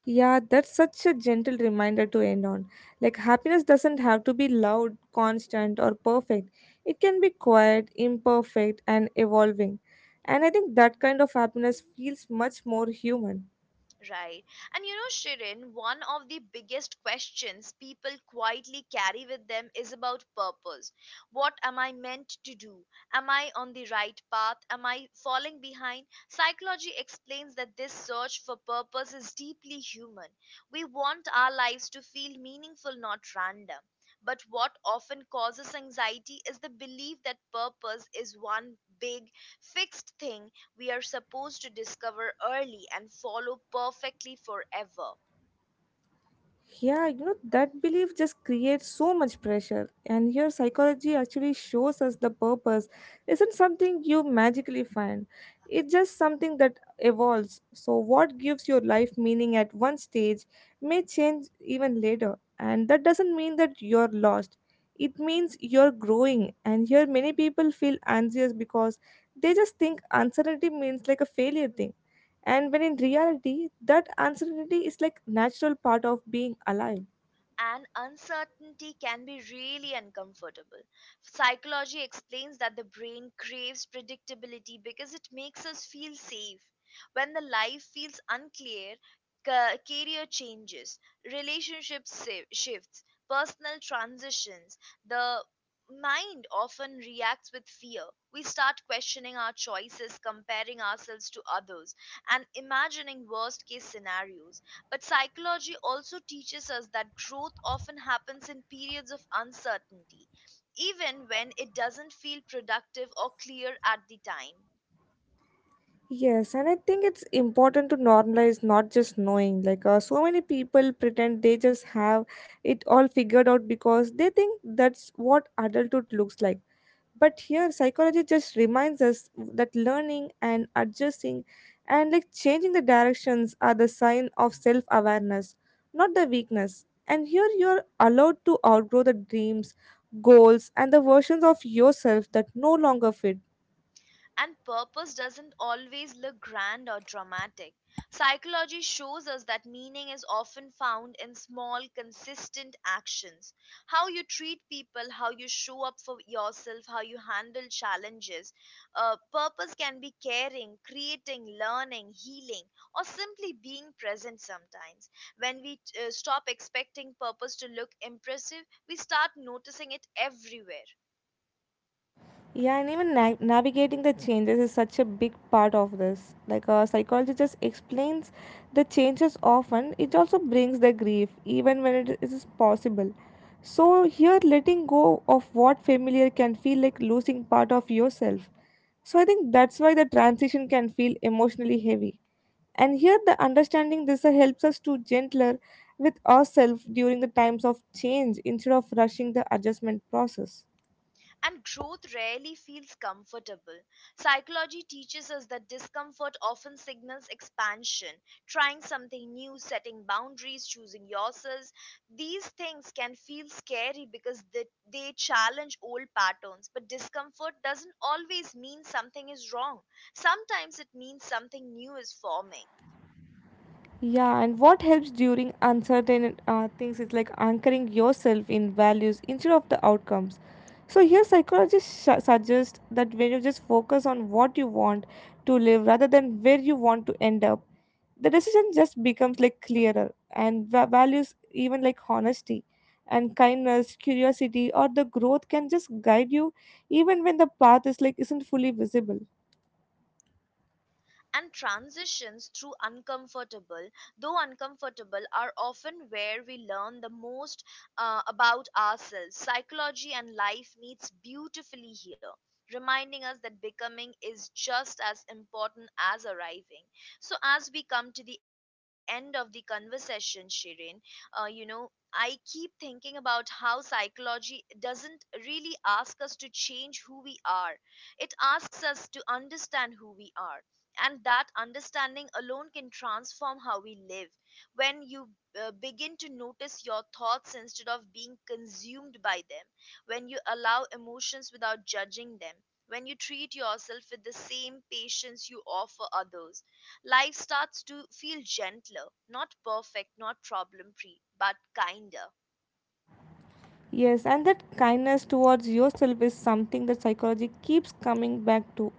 Speaker 2: Yeah, that's such a gentle reminder to end on. Like, happiness doesn't have to be loud, constant, or perfect. It can be quiet, imperfect, and evolving. And I think that kind of happiness feels much more human.
Speaker 1: Right. And you know, Shirin, one of the biggest questions people quietly carry with them is about purpose. What am I meant to do? Am I on the right path? Am I falling behind? Psychology explains that this search for purpose is deeply human. We want our lives to feel meaningful, not random. But what often causes anxiety is the belief that purpose is one big, fixed thing we are supposed to discover early and follow perfectly forever.
Speaker 2: Yeah, you know, that belief just creates so much pressure. And here, psychology actually shows us the purpose isn't something you magically find, it's just something that evolves. So, what gives your life meaning at one stage may change even later. And that doesn't mean that you're lost, it means you're growing. And here, many people feel anxious because they just think uncertainty means like a failure thing. And when in reality, that uncertainty is like natural part of being alive.
Speaker 1: And uncertainty can be really uncomfortable. Psychology explains that the brain craves predictability because it makes us feel safe. When the life feels unclear, ca- career changes, relationships si- shifts, personal transitions, the mind often reacts with fear. We start questioning our choices, comparing ourselves to others, and imagining worst case scenarios. But psychology also teaches us that growth often happens in periods of uncertainty, even when it doesn't feel productive or clear at the time.
Speaker 2: Yes, and I think it's important to normalize not just knowing. Like uh, so many people pretend they just have it all figured out because they think that's what adulthood looks like. But here psychology just reminds us that learning and adjusting and like changing the directions are the sign of self awareness, not the weakness. And here you're allowed to outgrow the dreams, goals and the versions of yourself that no longer fit.
Speaker 1: And purpose doesn't always look grand or dramatic. Psychology shows us that meaning is often found in small, consistent actions. How you treat people, how you show up for yourself, how you handle challenges. Uh, purpose can be caring, creating, learning, healing, or simply being present sometimes. When we uh, stop expecting purpose to look impressive, we start noticing it everywhere.
Speaker 2: Yeah, and even na- navigating the changes is such a big part of this. Like a psychologist just explains the changes often, it also brings the grief, even when it is possible. So, here letting go of what familiar can feel like losing part of yourself. So, I think that's why the transition can feel emotionally heavy. And here, the understanding this uh, helps us to gentler with ourselves during the times of change instead of rushing the adjustment process.
Speaker 1: And growth rarely feels comfortable. Psychology teaches us that discomfort often signals expansion, trying something new, setting boundaries, choosing yourselves. These things can feel scary because they, they challenge old patterns, but discomfort doesn't always mean something is wrong. Sometimes it means something new is forming.
Speaker 2: Yeah, and what helps during uncertain uh, things is like anchoring yourself in values instead of the outcomes. So here, psychologists sh- suggest that when you just focus on what you want to live rather than where you want to end up, the decision just becomes like clearer, and va- values even like honesty and kindness curiosity or the growth can just guide you even when the path is like isn't fully visible.
Speaker 1: And transitions through uncomfortable though uncomfortable are often where we learn the most uh, about ourselves. Psychology and life meets beautifully here, reminding us that becoming is just as important as arriving. So as we come to the end of the conversation, Shirin, uh, you know, I keep thinking about how psychology doesn't really ask us to change who we are. It asks us to understand who we are, and that understanding alone can transform how we live. When you uh, begin to notice your thoughts instead of being consumed by them, when you allow emotions without judging them, when you treat yourself with the same patience you offer others, life starts to feel gentler, not perfect, not problem free, but kinder.
Speaker 2: Yes, and that kindness towards yourself is something that psychology keeps coming back to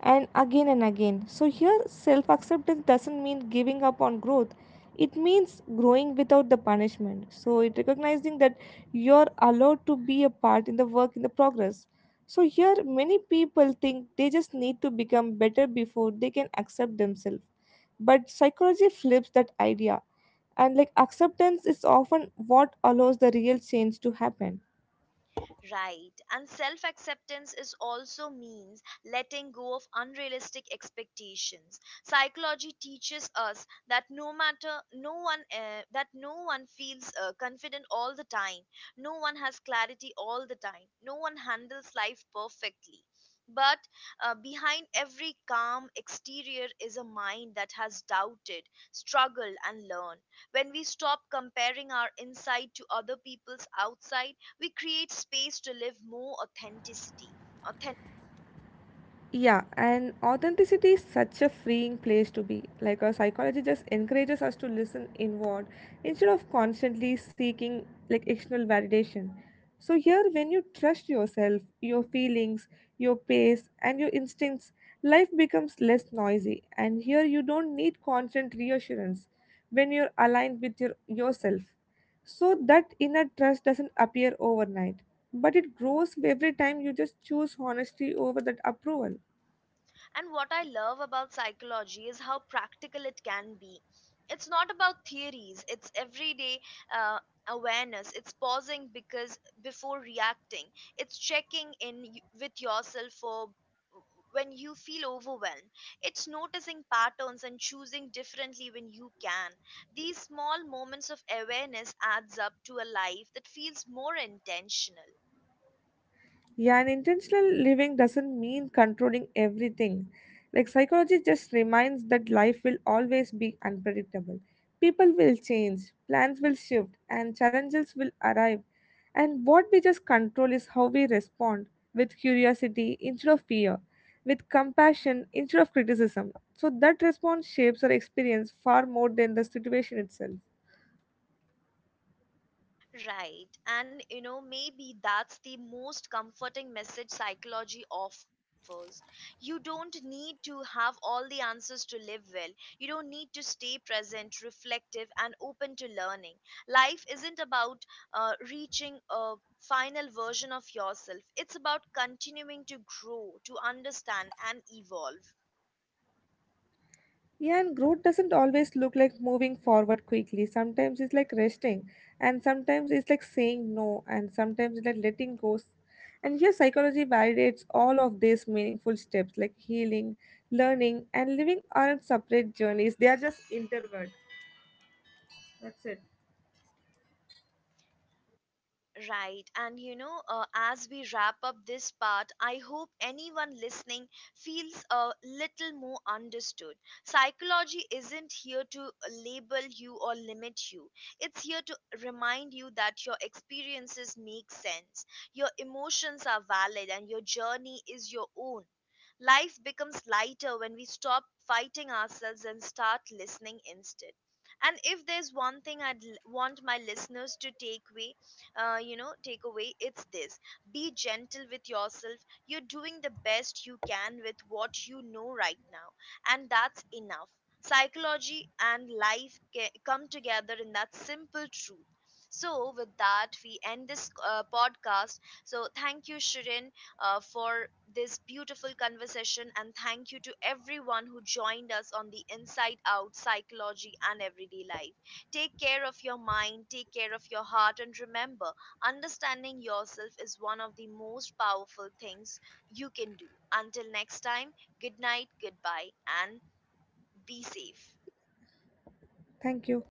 Speaker 2: and again and again. So, here, self acceptance doesn't mean giving up on growth, it means growing without the punishment. So, it recognizing that you're allowed to be a part in the work, in the progress. So, here, many people think they just need to become better before they can accept themselves. But psychology flips that idea, and like acceptance is often what allows the real change to happen.
Speaker 1: Right. And self acceptance is also means letting go of unrealistic expectations. Psychology teaches us that no matter no one uh, that no one feels uh, confident all the time. No one has clarity all the time. No one handles life perfectly. But uh, behind every calm exterior is a mind that has doubted, struggled, and learned. When we stop comparing our inside to other people's outside, we create space to live more authenticity authentic.
Speaker 2: Yeah, and authenticity is such a freeing place to be. Like our psychology just encourages us to listen inward instead of constantly seeking like external validation. So here when you trust yourself, your feelings, your pace and your instincts, life becomes less noisy, and here you don't need constant reassurance when you're aligned with your yourself. So that inner trust doesn't appear overnight, but it grows every time you just choose honesty over that approval.
Speaker 1: And what I love about psychology is how practical it can be. It's not about theories, it's everyday uh, awareness. It's pausing because before reacting, it's checking in y- with yourself for when you feel overwhelmed, it's noticing patterns and choosing differently when you can. These small moments of awareness adds up to a life that feels more intentional.
Speaker 2: Yeah, and intentional living doesn't mean controlling everything. Like psychology just reminds that life will always be unpredictable. People will change, plans will shift, and challenges will arrive. And what we just control is how we respond, with curiosity instead of fear, with compassion instead of criticism. So that response shapes our experience far more than the situation itself.
Speaker 1: Right. And you know, maybe that's the most comforting message psychology offers. You don't need to have all the answers to live well. You don't need to stay present, reflective, and open to learning. Life isn't about uh, reaching a final version of yourself, it's about continuing to grow, to understand, and evolve.
Speaker 2: Yeah, and growth doesn't always look like moving forward quickly. Sometimes it's like resting, and sometimes it's like saying no, and sometimes it's like letting go. And here, psychology validates all of these meaningful steps like healing, learning, and living aren't separate journeys, they are just interwoven. That's it.
Speaker 1: Right. And you know, uh, as we wrap up this part, I hope anyone listening feels a little more understood. Psychology isn't here to label you or limit you, it's here to remind you that your experiences make sense, your emotions are valid, and your journey is your own. Life becomes lighter when we stop fighting ourselves and start listening instead. And if there's one thing I'd l- want my listeners to take away, uh, you know takeaway it's this: be gentle with yourself, you're doing the best you can with what you know right now, and that's enough. Psychology and life ca- come together in that simple truth. So with that, we end this uh, podcast. So thank you, Shirin, uh, for this beautiful conversation, and thank you to everyone who joined us on the Inside Out Psychology and Everyday Life. Take care of your mind, take care of your heart, and remember, understanding yourself is one of the most powerful things you can do. Until next time, good night, goodbye, and be safe.
Speaker 2: Thank you.